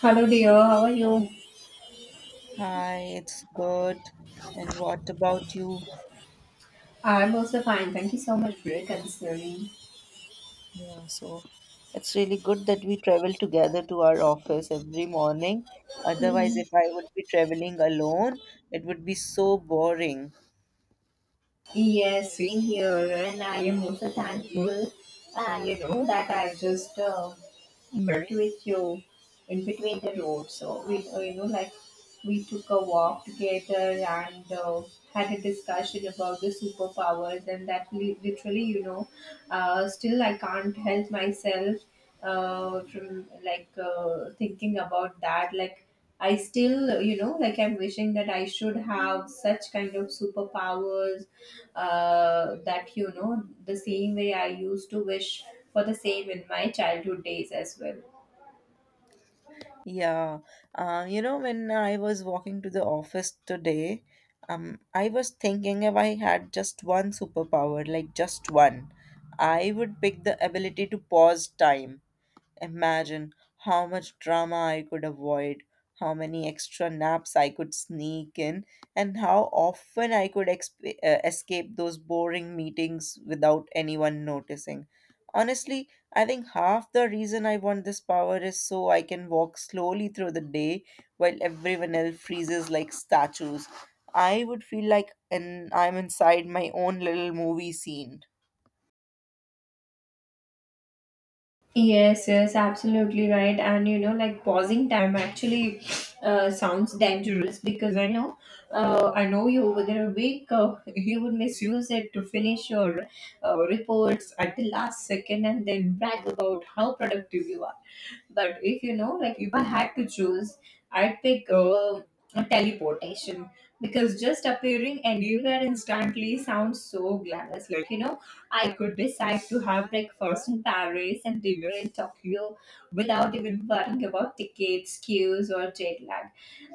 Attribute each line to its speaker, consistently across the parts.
Speaker 1: Hello, dear. How are you?
Speaker 2: Hi, it's good. And what about you?
Speaker 1: I'm also fine. Thank you so much for considering.
Speaker 2: Yeah, so it's really good that we travel together to our office every morning. Otherwise,
Speaker 1: Mhm.
Speaker 2: if I would be traveling alone, it would be so boring.
Speaker 1: Yes, same here, and I am also thankful. And you know that I just Mercy with you in between the road. So we, you know, like we took a walk together and had a discussion about the superpowers, and that literally, you know, still I can't help myself from like thinking about that. Like I still, you know, like I'm wishing that I should have such kind of superpowers that you know the same way I used to wish for the same in my childhood days as well.
Speaker 2: Yeah, you know, when I was walking to the office today, I was thinking if I had just one superpower, like just one, I would pick the ability to pause time. Imagine how much drama I could avoid, how many extra naps I could sneak in, and how often I could escape those boring meetings without anyone noticing. Honestly, I think half the reason I want this power is so I can walk slowly through the day while everyone else freezes like statues. I would feel like an, I'm inside my own little movie scene.
Speaker 1: Yes, yes, absolutely right. And you know, like pausing time actually sounds dangerous because I know you within a week you would misuse it to finish your reports at the last second and then brag about how productive you are. But if you know, like if I had to choose, I'd pick teleportation because just appearing anywhere instantly sounds so glamorous. Like you know, I could decide to have breakfast in Paris and dinner in Tokyo without even worrying about tickets, queues, or jet lag.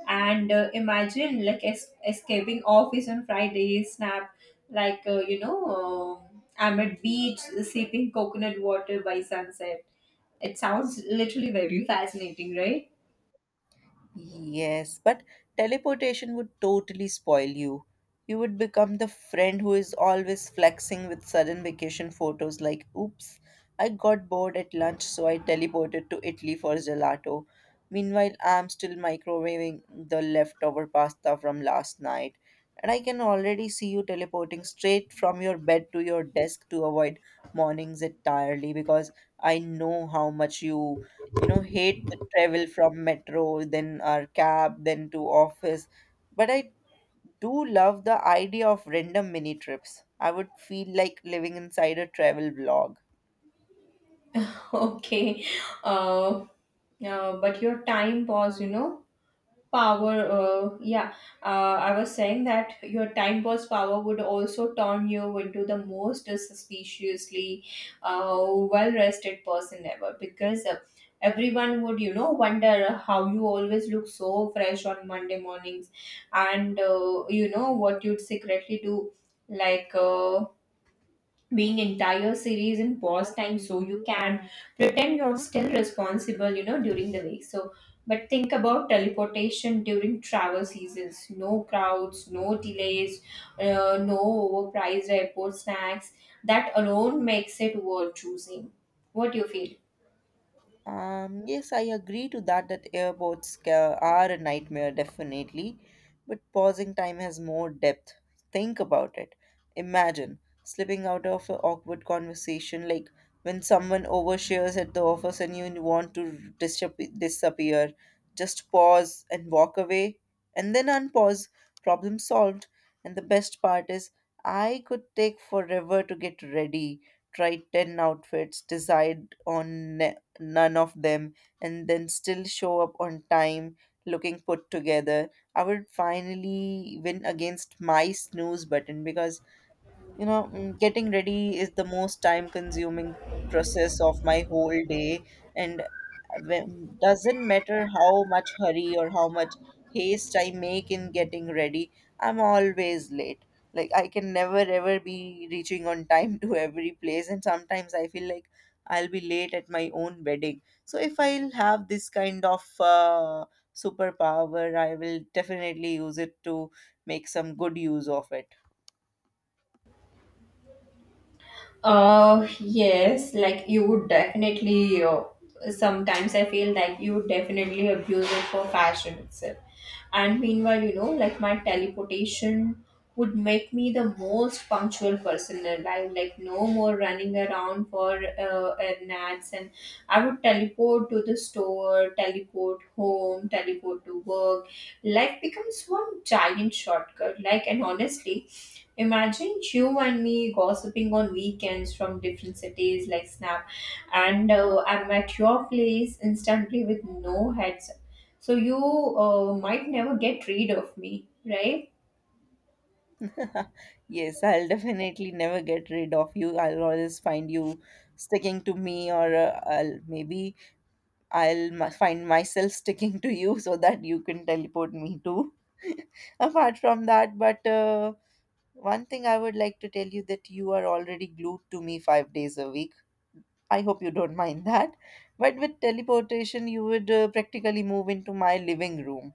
Speaker 1: And imagine like escaping office on Friday, snap, like I'm at beach sipping coconut water by sunset. It sounds literally very fascinating, right?
Speaker 2: Yes, but teleportation would totally spoil you. You would become the friend who is always flexing with sudden vacation photos like, oops, I got bored at lunch, so I teleported to Italy for gelato. Meanwhile, I'm still microwaving the leftover pasta from last night. And I can already see you teleporting straight from your bed to your desk to avoid mornings entirely because I know how much you know hate the travel from metro, then our cab, then to office. But I do love the idea of random mini trips. I would feel like living inside a travel vlog.
Speaker 1: Okay. Uh, but your time was, you know, power. Yeah, I was saying that your time was power would also turn you into the most suspiciously well rested person ever because everyone would, you know, wonder how you always look so fresh on Monday mornings and, you know, what you'd secretly do. Like, being entire series in pause time so you can pretend you're still responsible, you know, during the week. So but think about teleportation during travel seasons: no crowds, no delays, no overpriced airport snacks. That alone makes it worth choosing. What do you feel?
Speaker 2: Yes, I agree to that that airports are a nightmare, definitely. But pausing time has more depth. Think about it. Imagine slipping out of an awkward conversation, like when someone overshares at the office and you want to disappear. Just pause and walk away, and then unpause. Problem solved. And the best part is, I could take forever to get ready. Try 10 outfits, decide on none of them, and then still show up on time looking put together. I would finally win against my snooze button because you know getting ready is the most time consuming process of my whole day. And when, doesn't matter how much hurry or how much haste I make in getting ready, I'm always late. Like I can never ever be reaching on time to every place, and sometimes I feel like I'll be late at my own wedding. So if I'll have this kind of superpower, I will definitely use it to make some good use of it.
Speaker 1: Yes, like you would definitely. Sometimes I feel like you would definitely abuse it for fashion itself. And meanwhile, you know, like my teleportation would make me the most punctual person alive. Like no more running around for naps, and I would teleport to the store, teleport home, teleport to work. Life becomes one giant shortcut. Like and honestly, imagine you and me gossiping on weekends from different cities like snap, and I'm at your place instantly with no heads. So you might never get rid of me, right?
Speaker 2: Yes, I'll definitely never get rid of you. I'll always find you sticking to me, or I'll maybe find myself sticking to you so that you can teleport me too. Apart from that, but one thing I would like to tell you that you are already glued to me 5 days a week. I hope you don't mind that. But with teleportation, you would practically move into my living room.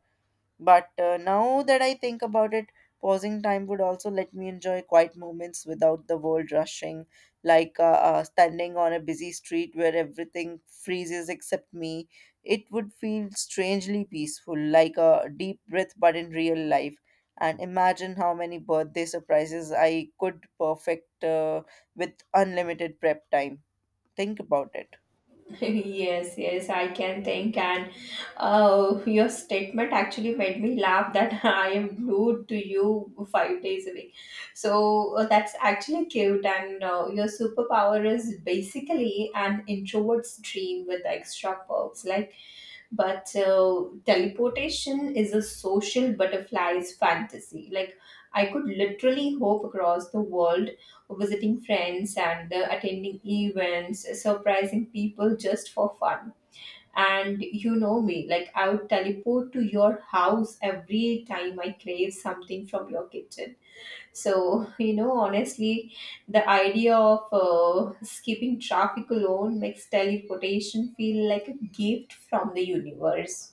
Speaker 2: But Now that I think about it, pausing time would also let me enjoy quiet moments without the world rushing, like standing on a busy street where everything freezes except me. It would feel strangely peaceful, like a deep breath, but in real life. And imagine how many birthday surprises I could perfect with unlimited prep time. Think about it.
Speaker 1: Yes, yes, I can think. And your statement actually made me laugh that I am glued to you 5 days a week. So that's actually cute. And your superpower is basically an introvert's dream with extra perks. Like, but teleportation is a social butterfly's fantasy. Like, I could literally hop across the world visiting friends and attending events, surprising people just for fun. And you know me, like I would teleport to your house every time I crave something from your kitchen. So, you know, honestly, the idea of skipping traffic alone makes teleportation feel like a gift from the universe.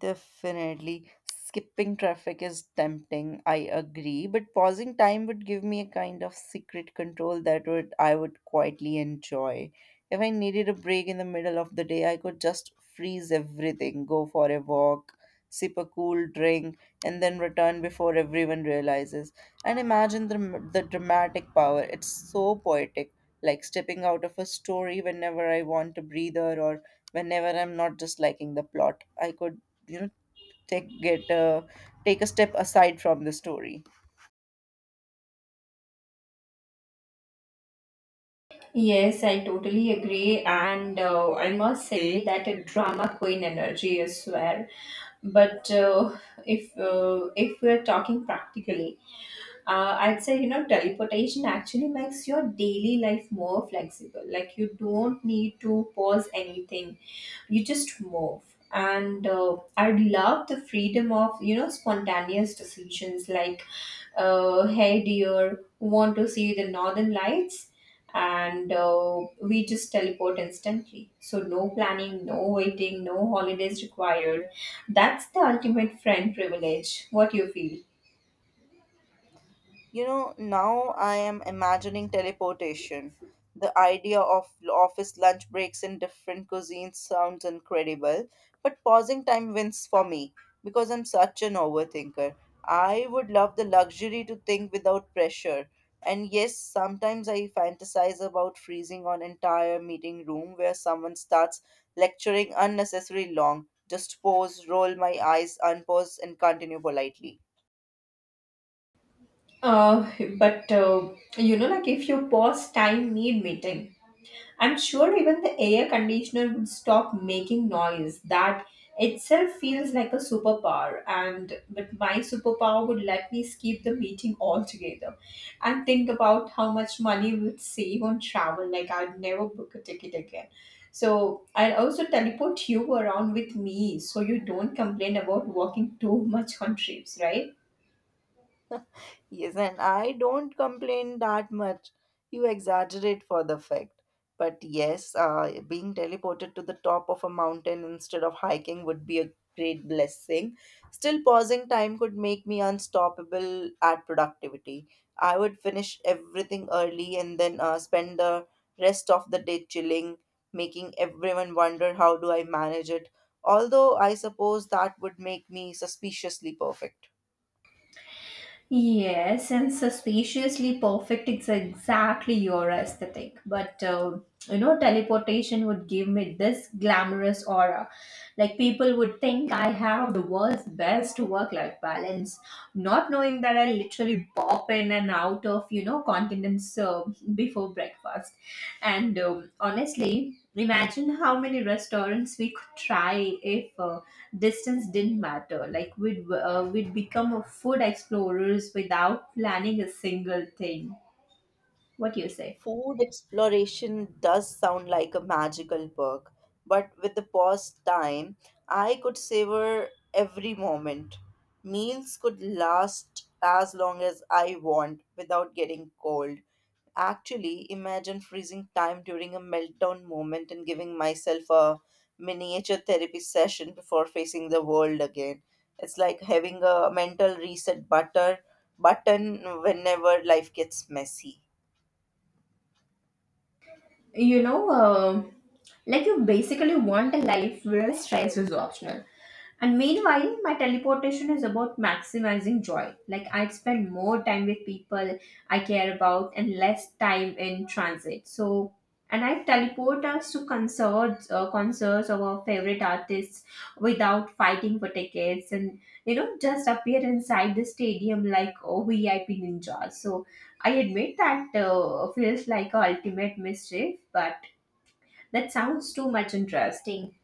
Speaker 2: Definitely. Skipping traffic is tempting, I agree, but pausing time would give me a kind of secret control that would I would quietly enjoy. If I needed a break in the middle of the day, I could just freeze everything, go for a walk, sip a cool drink, and then return before everyone realizes. And imagine the dramatic power. It's so poetic, like stepping out of a story whenever I want a breather or whenever I'm not just liking the plot. I could you know take get uh, take a step aside from the story.
Speaker 1: Yes, I totally agree. And I must say that a drama queen energy, I swear. But if we're talking practically, I'd say, you know, teleportation actually makes your daily life more flexible. Like you don't need to pause anything, you just move, and I love the freedom of, you know, spontaneous decisions like, hey dear, want to see the northern lights? And we just teleport instantly, so no planning, no waiting, no holidays required. That's the ultimate friend privilege. What you feel?
Speaker 2: You know, now I am imagining teleportation. The idea of office lunch breaks in different cuisines sounds incredible, but pausing time wins for me because I'm such an overthinker. I would love the luxury to think without pressure. And yes, sometimes I fantasize about freezing on entire meeting room where someone starts lecturing unnecessarily long. Just pause, roll my eyes, unpause, and continue politely.
Speaker 1: uh, but you know, like if you pause time need meeting, I'm sure even the air conditioner would stop making noise. That itself feels like a superpower. And but my superpower would let me skip the meeting altogether and think about how much money we would save on travel. Like I'd never book a ticket again. So I'll also teleport you around with me so you don't complain about walking too much on trips, right?
Speaker 2: Yes, and I don't complain that much. You exaggerate for the fact. But yes, being teleported to the top of a mountain instead of hiking would be a great blessing. Still, pausing time could make me unstoppable at productivity. I would finish everything early and then spend the rest of the day chilling, making everyone wonder how do I manage it. Although I suppose that would make me suspiciously perfect.
Speaker 1: Yes, and suspiciously perfect is exactly your aesthetic. But you know, teleportation would give me this glamorous aura. Like people would think I have the world's best work-life balance, not knowing that I literally pop in and out of, you know, continents before breakfast. And honestly, imagine how many restaurants we could try if. Distance didn't matter, like we'd become a food explorers without planning a single thing. What do you say?
Speaker 2: Food exploration does sound like a magical perk, but with the pause time, I could savor every moment. Meals could last as long as I want without getting cold. Actually, imagine freezing time during a meltdown moment and giving myself a miniature therapy session before facing the world again. It's like having a mental reset butter button whenever life gets messy.
Speaker 1: You know, um, like you basically want a life where stress is optional. And meanwhile, my teleportation is about maximizing joy. Like, I'd spend more time with people I care about and less time in transit. So, and I teleport us to concerts, concerts of our favorite artists without fighting for tickets, and you know, just appear inside the stadium like oh, VIP ninja. So, I admit that feels like a ultimate mischief, but that sounds too much interesting.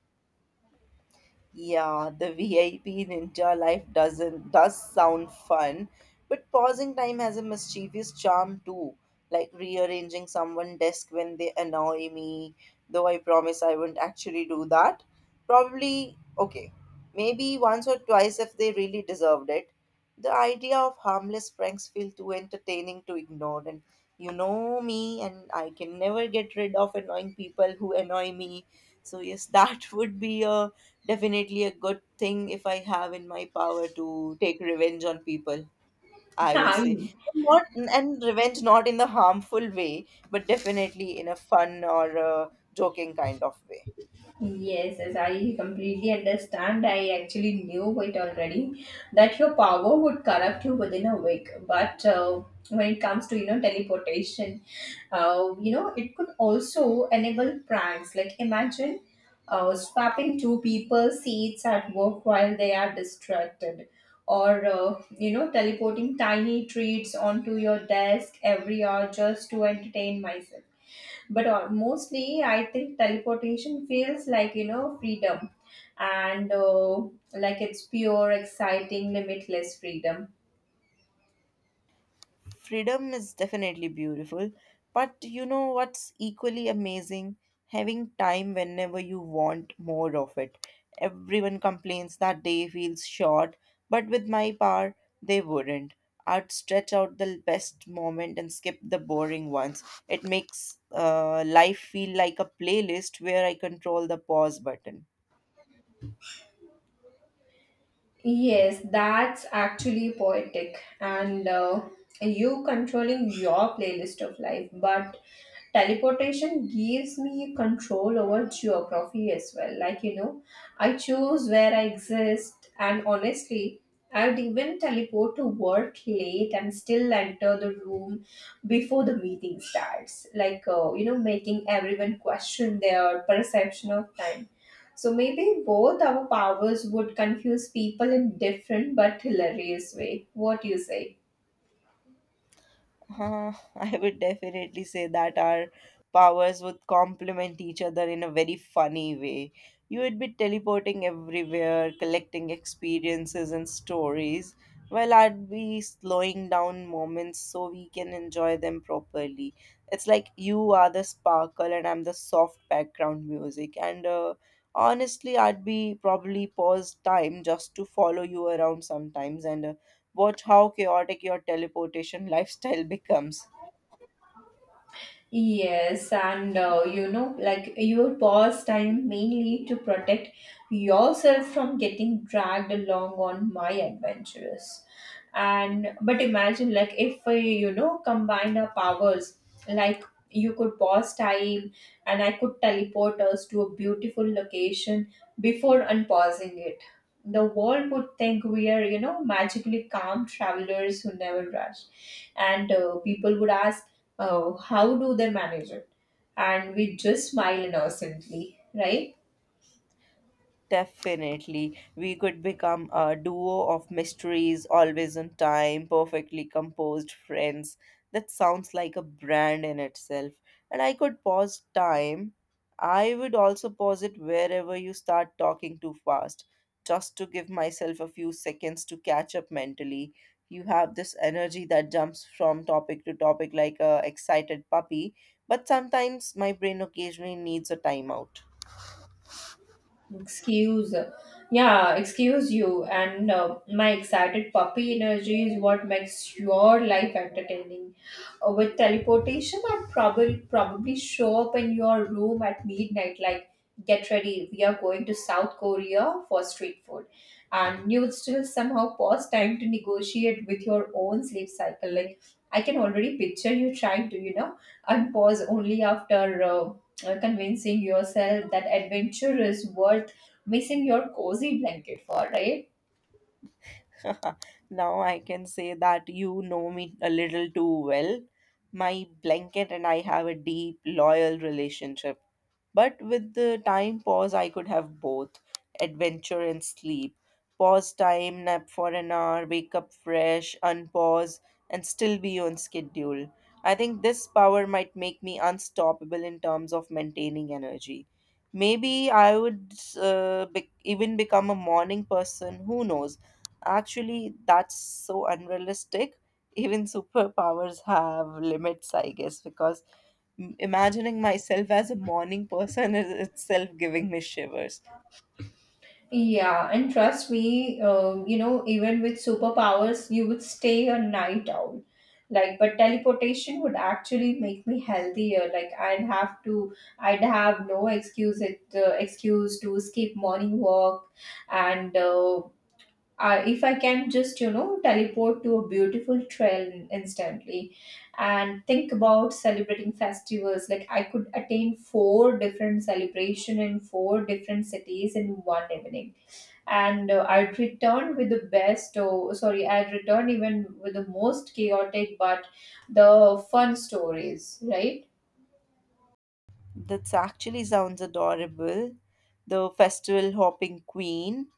Speaker 2: Yeah, the VIP ninja life doesn't does sound fun, but pausing time has a mischievous charm too, like rearranging someone's desk when they annoy me, though I promise I won't actually do that. Probably okay. Maybe once or twice if they really deserved it. The idea of harmless pranks feel too entertaining to ignore, and you know me, and I can never get rid of annoying people who annoy me. So yes, that would be a definitely a good thing if I have in my power to take revenge on people, I would say.
Speaker 1: I'm.
Speaker 2: Not and Revenge not in the harmful way, but definitely in a fun or a joking kind of way.
Speaker 1: Yes, yes, I completely understand. I actually knew it already that your power would corrupt you within a week. But when it comes to, you know, teleportation, you know it could also enable pranks. Like imagine swapping two people's seats at work while they are distracted, or you know, teleporting tiny treats onto your desk every hour just to entertain myself. But mostly I think teleportation feels like, you know, freedom, and like it's pure exciting limitless freedom.
Speaker 2: Freedom is definitely beautiful, but you know what's equally amazing, having time whenever you want more of it. Everyone complains that day feels short, but with my power, they wouldn't. I'd stretch out the best moment and skip the boring ones. It makes life feel like a playlist where I control the pause button.
Speaker 1: Yes, that's actually poetic. And you controlling your playlist of life, but teleportation gives me control over geography as well. Like, you know, I choose where I exist, and honestly, I would even teleport to work late and still enter the room before the meeting starts. Like, you know, making everyone question their perception of time. So maybe both our powers would confuse people in different but hilarious way. What do you say?
Speaker 2: I would definitely say that our powers would complement each other in a very funny way. You would be teleporting everywhere, collecting experiences and stories, while I'd be slowing down moments so we can enjoy them properly. It's like you are the sparkle and I'm the soft background music. And Honestly, I'd be probably pause time just to follow you around sometimes and watch how chaotic your teleportation lifestyle becomes.
Speaker 1: Yes, and you know, like you pause time mainly to protect yourself from getting dragged along on my adventures. And but imagine, like, if we, you know, combine our powers, like you could pause time and I could teleport us to a beautiful location before unpausing it. The world would think we are, you know, magically calm travelers who never rush, and people would ask, how do they manage it? And we just smile innocently, right?
Speaker 2: Definitely. We could become a duo of mysteries, always on time, perfectly composed friends. That sounds like a brand in itself. And I could pause time. I would also pause it wherever you start talking too fast, just to give myself a few seconds to catch up mentally. You have this energy that jumps from topic to topic like a excited puppy, but sometimes my brain occasionally needs a timeout.
Speaker 1: Excuse, yeah, excuse you. And my excited puppy energy is what makes your life entertaining. With teleportation, I'd probably show up in your room at midnight, like, get ready, we are going to South Korea for street food. And you would still somehow pause time to negotiate with your own sleep cycle. Like, I can already picture you trying to, you know, unpause only after convincing yourself that adventure is worth missing your cozy blanket for, right?
Speaker 2: Now I can say that you know me a little too well. My blanket and I have a deep, loyal relationship. But with the time pause, I could have both adventure and sleep. Pause time, nap for an hour, wake up fresh, unpause, and still be on schedule. I think this power might make me unstoppable in terms of maintaining energy. Maybe I would even become a morning person, who knows? Actually, that's so unrealistic. Even superpowers have limits, I guess, because imagining myself as a morning person is itself giving me shivers.
Speaker 1: Yeah, and trust me, you know, even with superpowers, you would stay a night owl. Like, but teleportation would actually make me healthier. Like, I'd have no excuse, it, excuse to skip morning walk and if I can just, you know, teleport to a beautiful trail instantly and think about celebrating festivals, like I could attain four different celebration in four different cities in one evening. And I'd return with the best, oh, sorry, I'd return even with the most chaotic but the fun stories, right?
Speaker 2: That actually sounds adorable. The festival hopping queen.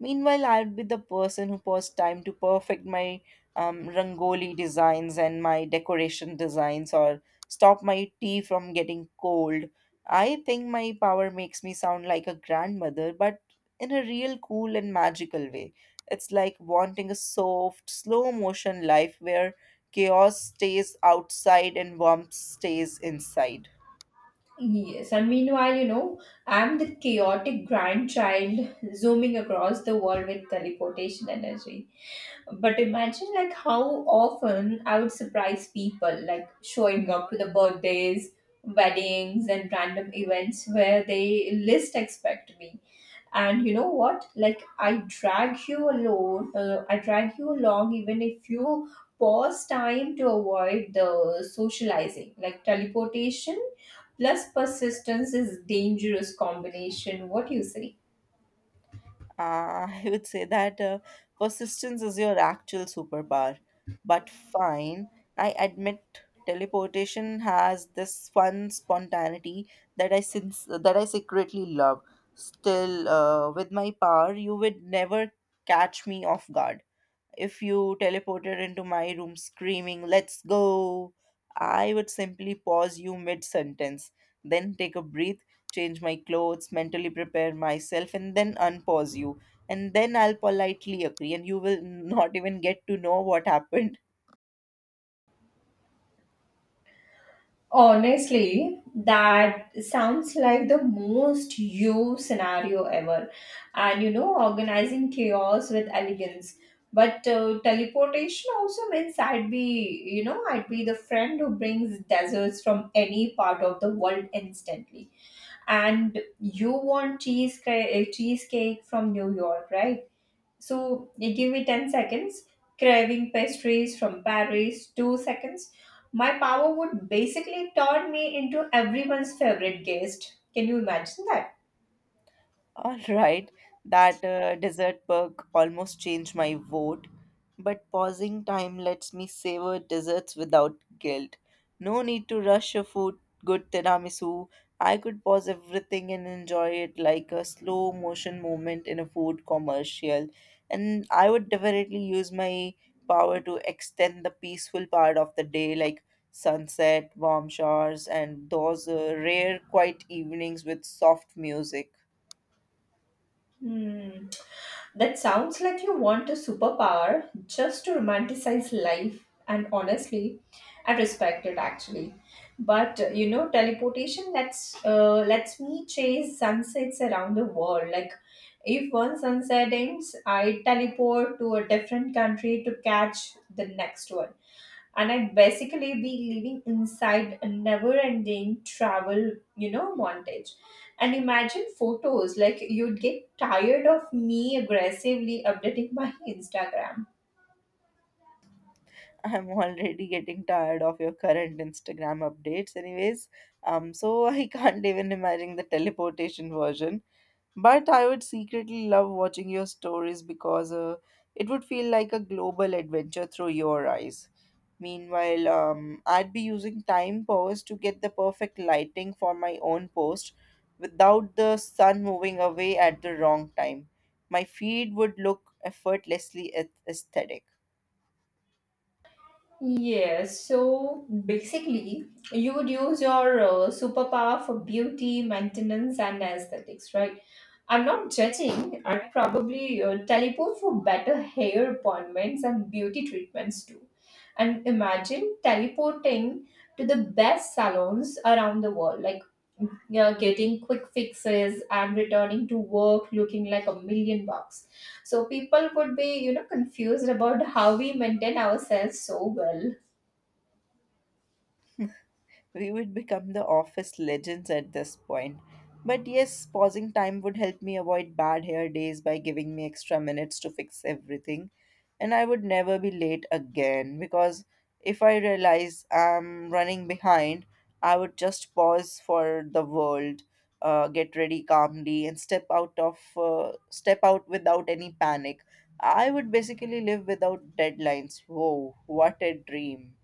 Speaker 2: Meanwhile, I'll be the person who paused time to perfect my rangoli designs and my decoration designs, or stop my tea from getting cold. I think my power makes me sound like a grandmother, but in a real cool and magical way. It's like wanting a soft, slow motion life where chaos stays outside and warmth stays inside.
Speaker 1: Yes, and meanwhile, you know, I'm the chaotic grandchild zooming across the world with teleportation energy. But imagine like how often I would surprise people, like showing up to the birthdays, weddings, and random events where they least expect me. And you know what, like I drag you along even if you pause time to avoid the socializing. Like teleportation plus persistence is dangerous combination. What do you say?
Speaker 2: I would say that persistence is your actual superpower. But fine, I admit teleportation has this fun spontaneity that I since that I secretly love. Still, with my power, you would never catch me off guard. If you teleported into my room screaming, "Let's go!" I would simply pause you mid sentence, then take a breath, change my clothes, mentally prepare myself, and then unpause you. And then I'll politely agree, and you will not even get to know what happened.
Speaker 1: Honestly, that sounds like the most you scenario ever. And you know, organizing chaos with elegance. But teleportation also means I'd be the friend who brings desserts from any part of the world instantly. And you want cheesecake from New York, right? So you give me 10 seconds, craving pastries from Paris, 2 seconds. My power would basically turn me into everyone's favorite guest. Can you imagine that?
Speaker 2: All right, that dessert perk almost changed my vote, but pausing time lets me savor desserts without guilt. No need to rush good tiramisu. I could pause everything and enjoy it like a slow motion moment in a food commercial. And I would definitely use my power to extend the peaceful part of the day, like sunset, warm showers, and those rare quiet evenings with soft music.
Speaker 1: Hmm. That sounds like you want a superpower just to romanticize life, and honestly, I respect it actually. But you know, teleportation lets me chase sunsets around the world. Like, if one sunset ends, I teleport to a different country to catch the next one, and I'd basically be living inside a never-ending travel, you know, montage. And imagine photos, like, you'd get tired of me aggressively updating my Instagram.
Speaker 2: I'm already getting tired of your current Instagram updates, anyways. So I can't even imagine the teleportation version. But I would secretly love watching your stories because it would feel like a global adventure through your eyes. Meanwhile, I'd be using time pause to get the perfect lighting for my own post without the sun moving away at the wrong time. My feed would look effortlessly aesthetic.
Speaker 1: Yes, so basically, you would use your superpower for beauty, maintenance, and aesthetics, right? I'm not judging. I'd probably teleport for better hair appointments and beauty treatments too. And imagine teleporting to the best salons around the world, like, you getting quick fixes and returning to work looking like a million bucks. So people would be, confused about how we maintain ourselves so well.
Speaker 2: We would become the office legends at this point. But yes, pausing time would help me avoid bad hair days by giving me extra minutes to fix everything. And I would never be late again because if I realize I'm running behind, I would just pause for the world, get ready calmly, and step out without any panic. I would basically live without deadlines. Whoa, what a dream!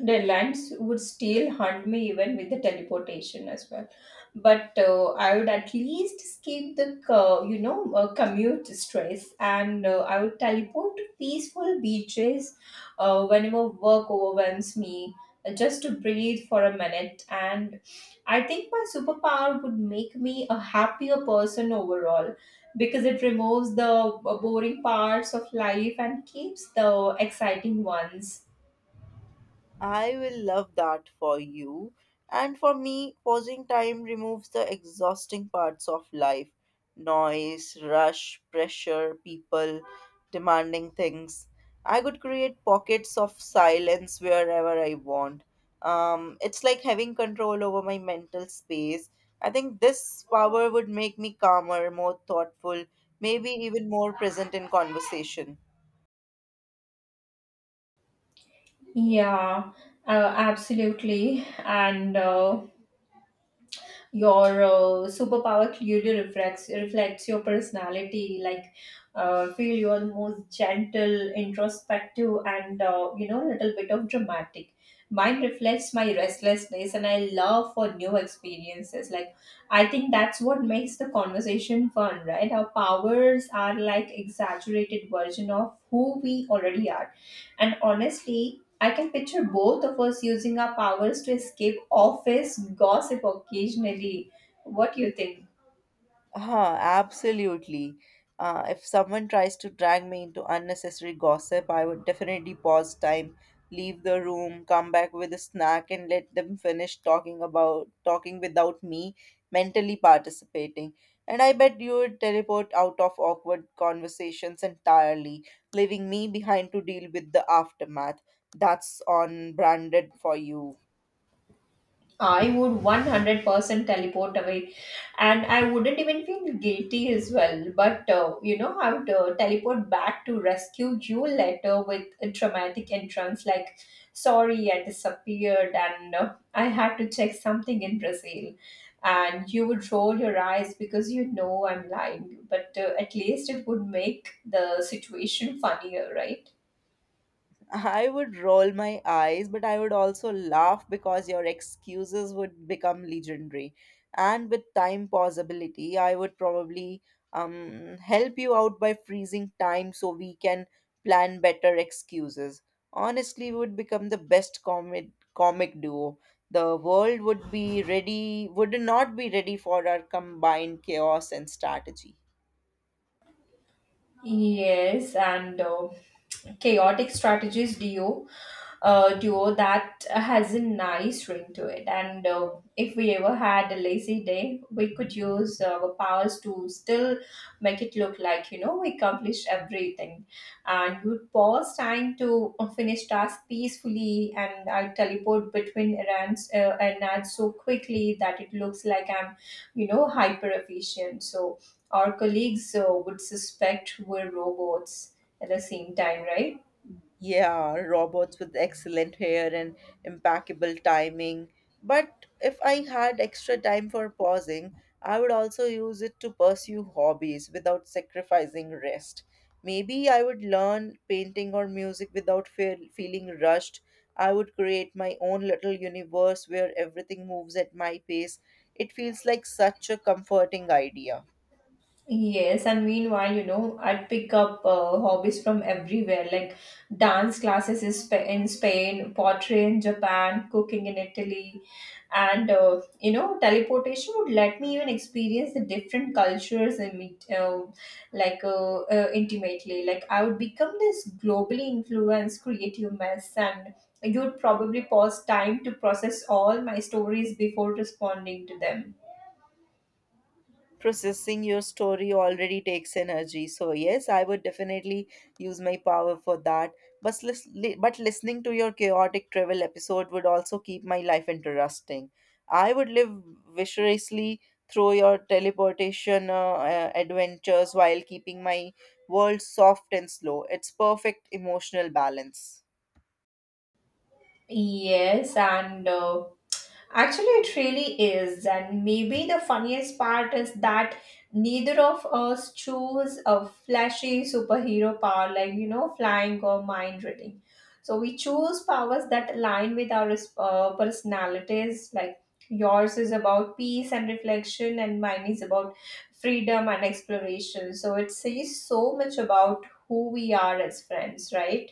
Speaker 1: Deadlines would still haunt me even with the teleportation as well. But I would at least skip the, commute stress and I would teleport to peaceful beaches whenever work overwhelms me, just to breathe for a minute. And I think my superpower would make me a happier person overall, because it removes the boring parts of life and keeps the exciting ones.
Speaker 2: I will love that for you. And for me, pausing time removes the exhausting parts of life, noise, rush, pressure, people demanding things. I could create pockets of silence wherever I want. It's like having control over my mental space. I think this power would make me calmer, more thoughtful, maybe even more present in conversation.
Speaker 1: Yeah, absolutely. And your superpower clearly reflects your personality. Like, feel you are most gentle, introspective, and little bit of dramatic. Mine reflects my restlessness and I love for new experiences. Like, I think that's what makes the conversation fun, right? Our powers are like exaggerated version of who we already are. And honestly, I can picture both of us using our powers to escape office gossip occasionally. What do you think?
Speaker 2: Huh, absolutely. If someone tries to drag me into unnecessary gossip, I would definitely pause time, leave the room, come back with a snack, and let them finish talking about talking without me mentally participating. And I bet you would teleport out of awkward conversations entirely, leaving me behind to deal with the aftermath. That's on branded for you.
Speaker 1: I would 100% teleport away, and I wouldn't even feel guilty as well. But I would teleport back to rescue you later with a dramatic entrance, like, sorry, I disappeared and I had to check something in Brazil. And you would roll your eyes because you know I'm lying, but at least it would make the situation funnier, right?
Speaker 2: I would roll my eyes, but I would also laugh because your excuses would become legendary. And with time possibility, I would probably help you out by freezing time so we can plan better excuses. Honestly, we would become the best comic duo. The world would be ready, Would not be ready for our combined chaos and strategy.
Speaker 1: Yes, and chaotic strategies duo, duo, that has a nice ring to it. And if we ever had a lazy day, we could use our powers to still make it look like, we accomplished everything. And you'd pause time to finish tasks peacefully, and I teleport between errands and ads so quickly that it looks like I'm, hyper efficient. So our colleagues would suspect we're robots at the same time, right?
Speaker 2: Yeah, robots with excellent hair and impeccable timing. But if I had extra time for pausing, I would also use it to pursue hobbies without sacrificing rest. Maybe I would learn painting or music without feeling rushed. I would create my own little universe where everything moves at my pace. It feels like such a comforting idea.
Speaker 1: Yes, and meanwhile, I'd pick up hobbies from everywhere, like dance classes in in Spain, pottery in Japan, cooking in Italy, and, teleportation would let me even experience the different cultures and meet, intimately. Like, I would become this globally influenced creative mess, and you'd probably pause time to process all my stories before responding to them.
Speaker 2: Processing your story already takes energy, so yes, I would definitely use my power for that. But, but listening to your chaotic travel episode would also keep my life interesting. I would live viciously through your teleportation adventures while keeping my world soft and slow. It's perfect emotional balance.
Speaker 1: Yes, and. Actually, it really is. And maybe the funniest part is that neither of us chose a flashy superhero power, like, flying or mind reading. So we choose powers that align with our personalities. Like, yours is about peace and reflection, and mine is about freedom and exploration. So it says so much about who we are as friends, right?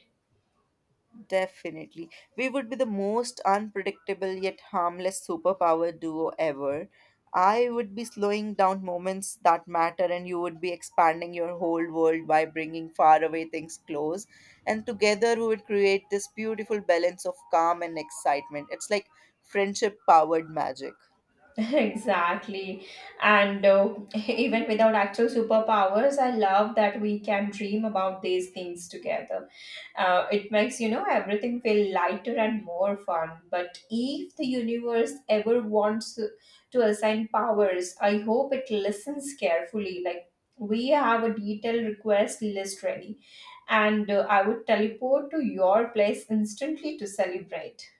Speaker 2: Definitely. We would be the most unpredictable yet harmless superpower duo ever. I would be slowing down moments that matter, and you would be expanding your whole world by bringing faraway things close. And together, we would create this beautiful balance of calm and excitement. It's like friendship powered magic.
Speaker 1: Exactly. And even without actual superpowers, I love that we can dream about these things together. It makes, everything feel lighter and more fun. But if the universe ever wants to assign powers, I hope it listens carefully. Like, we have a detailed request list ready, and I would teleport to your place instantly to celebrate.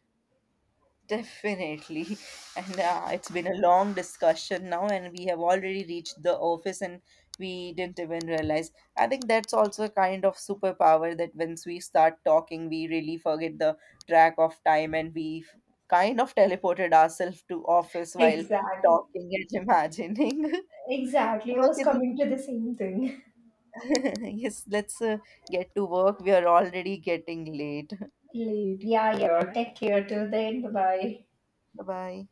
Speaker 2: Definitely. And it's been a long discussion now, and we have already reached the office, and we didn't even realize. I think that's also a kind of superpower that once we start talking, we really forget the track of time, and kind of teleported ourselves to office while
Speaker 1: Exactly.
Speaker 2: talking and imagining.
Speaker 1: Exactly, I was
Speaker 2: Okay, then.
Speaker 1: coming to the same thing.
Speaker 2: Yes, let's get to work. We are already getting late.
Speaker 1: Late. Yeah, yeah. Take care till then. Bye bye.
Speaker 2: Bye bye.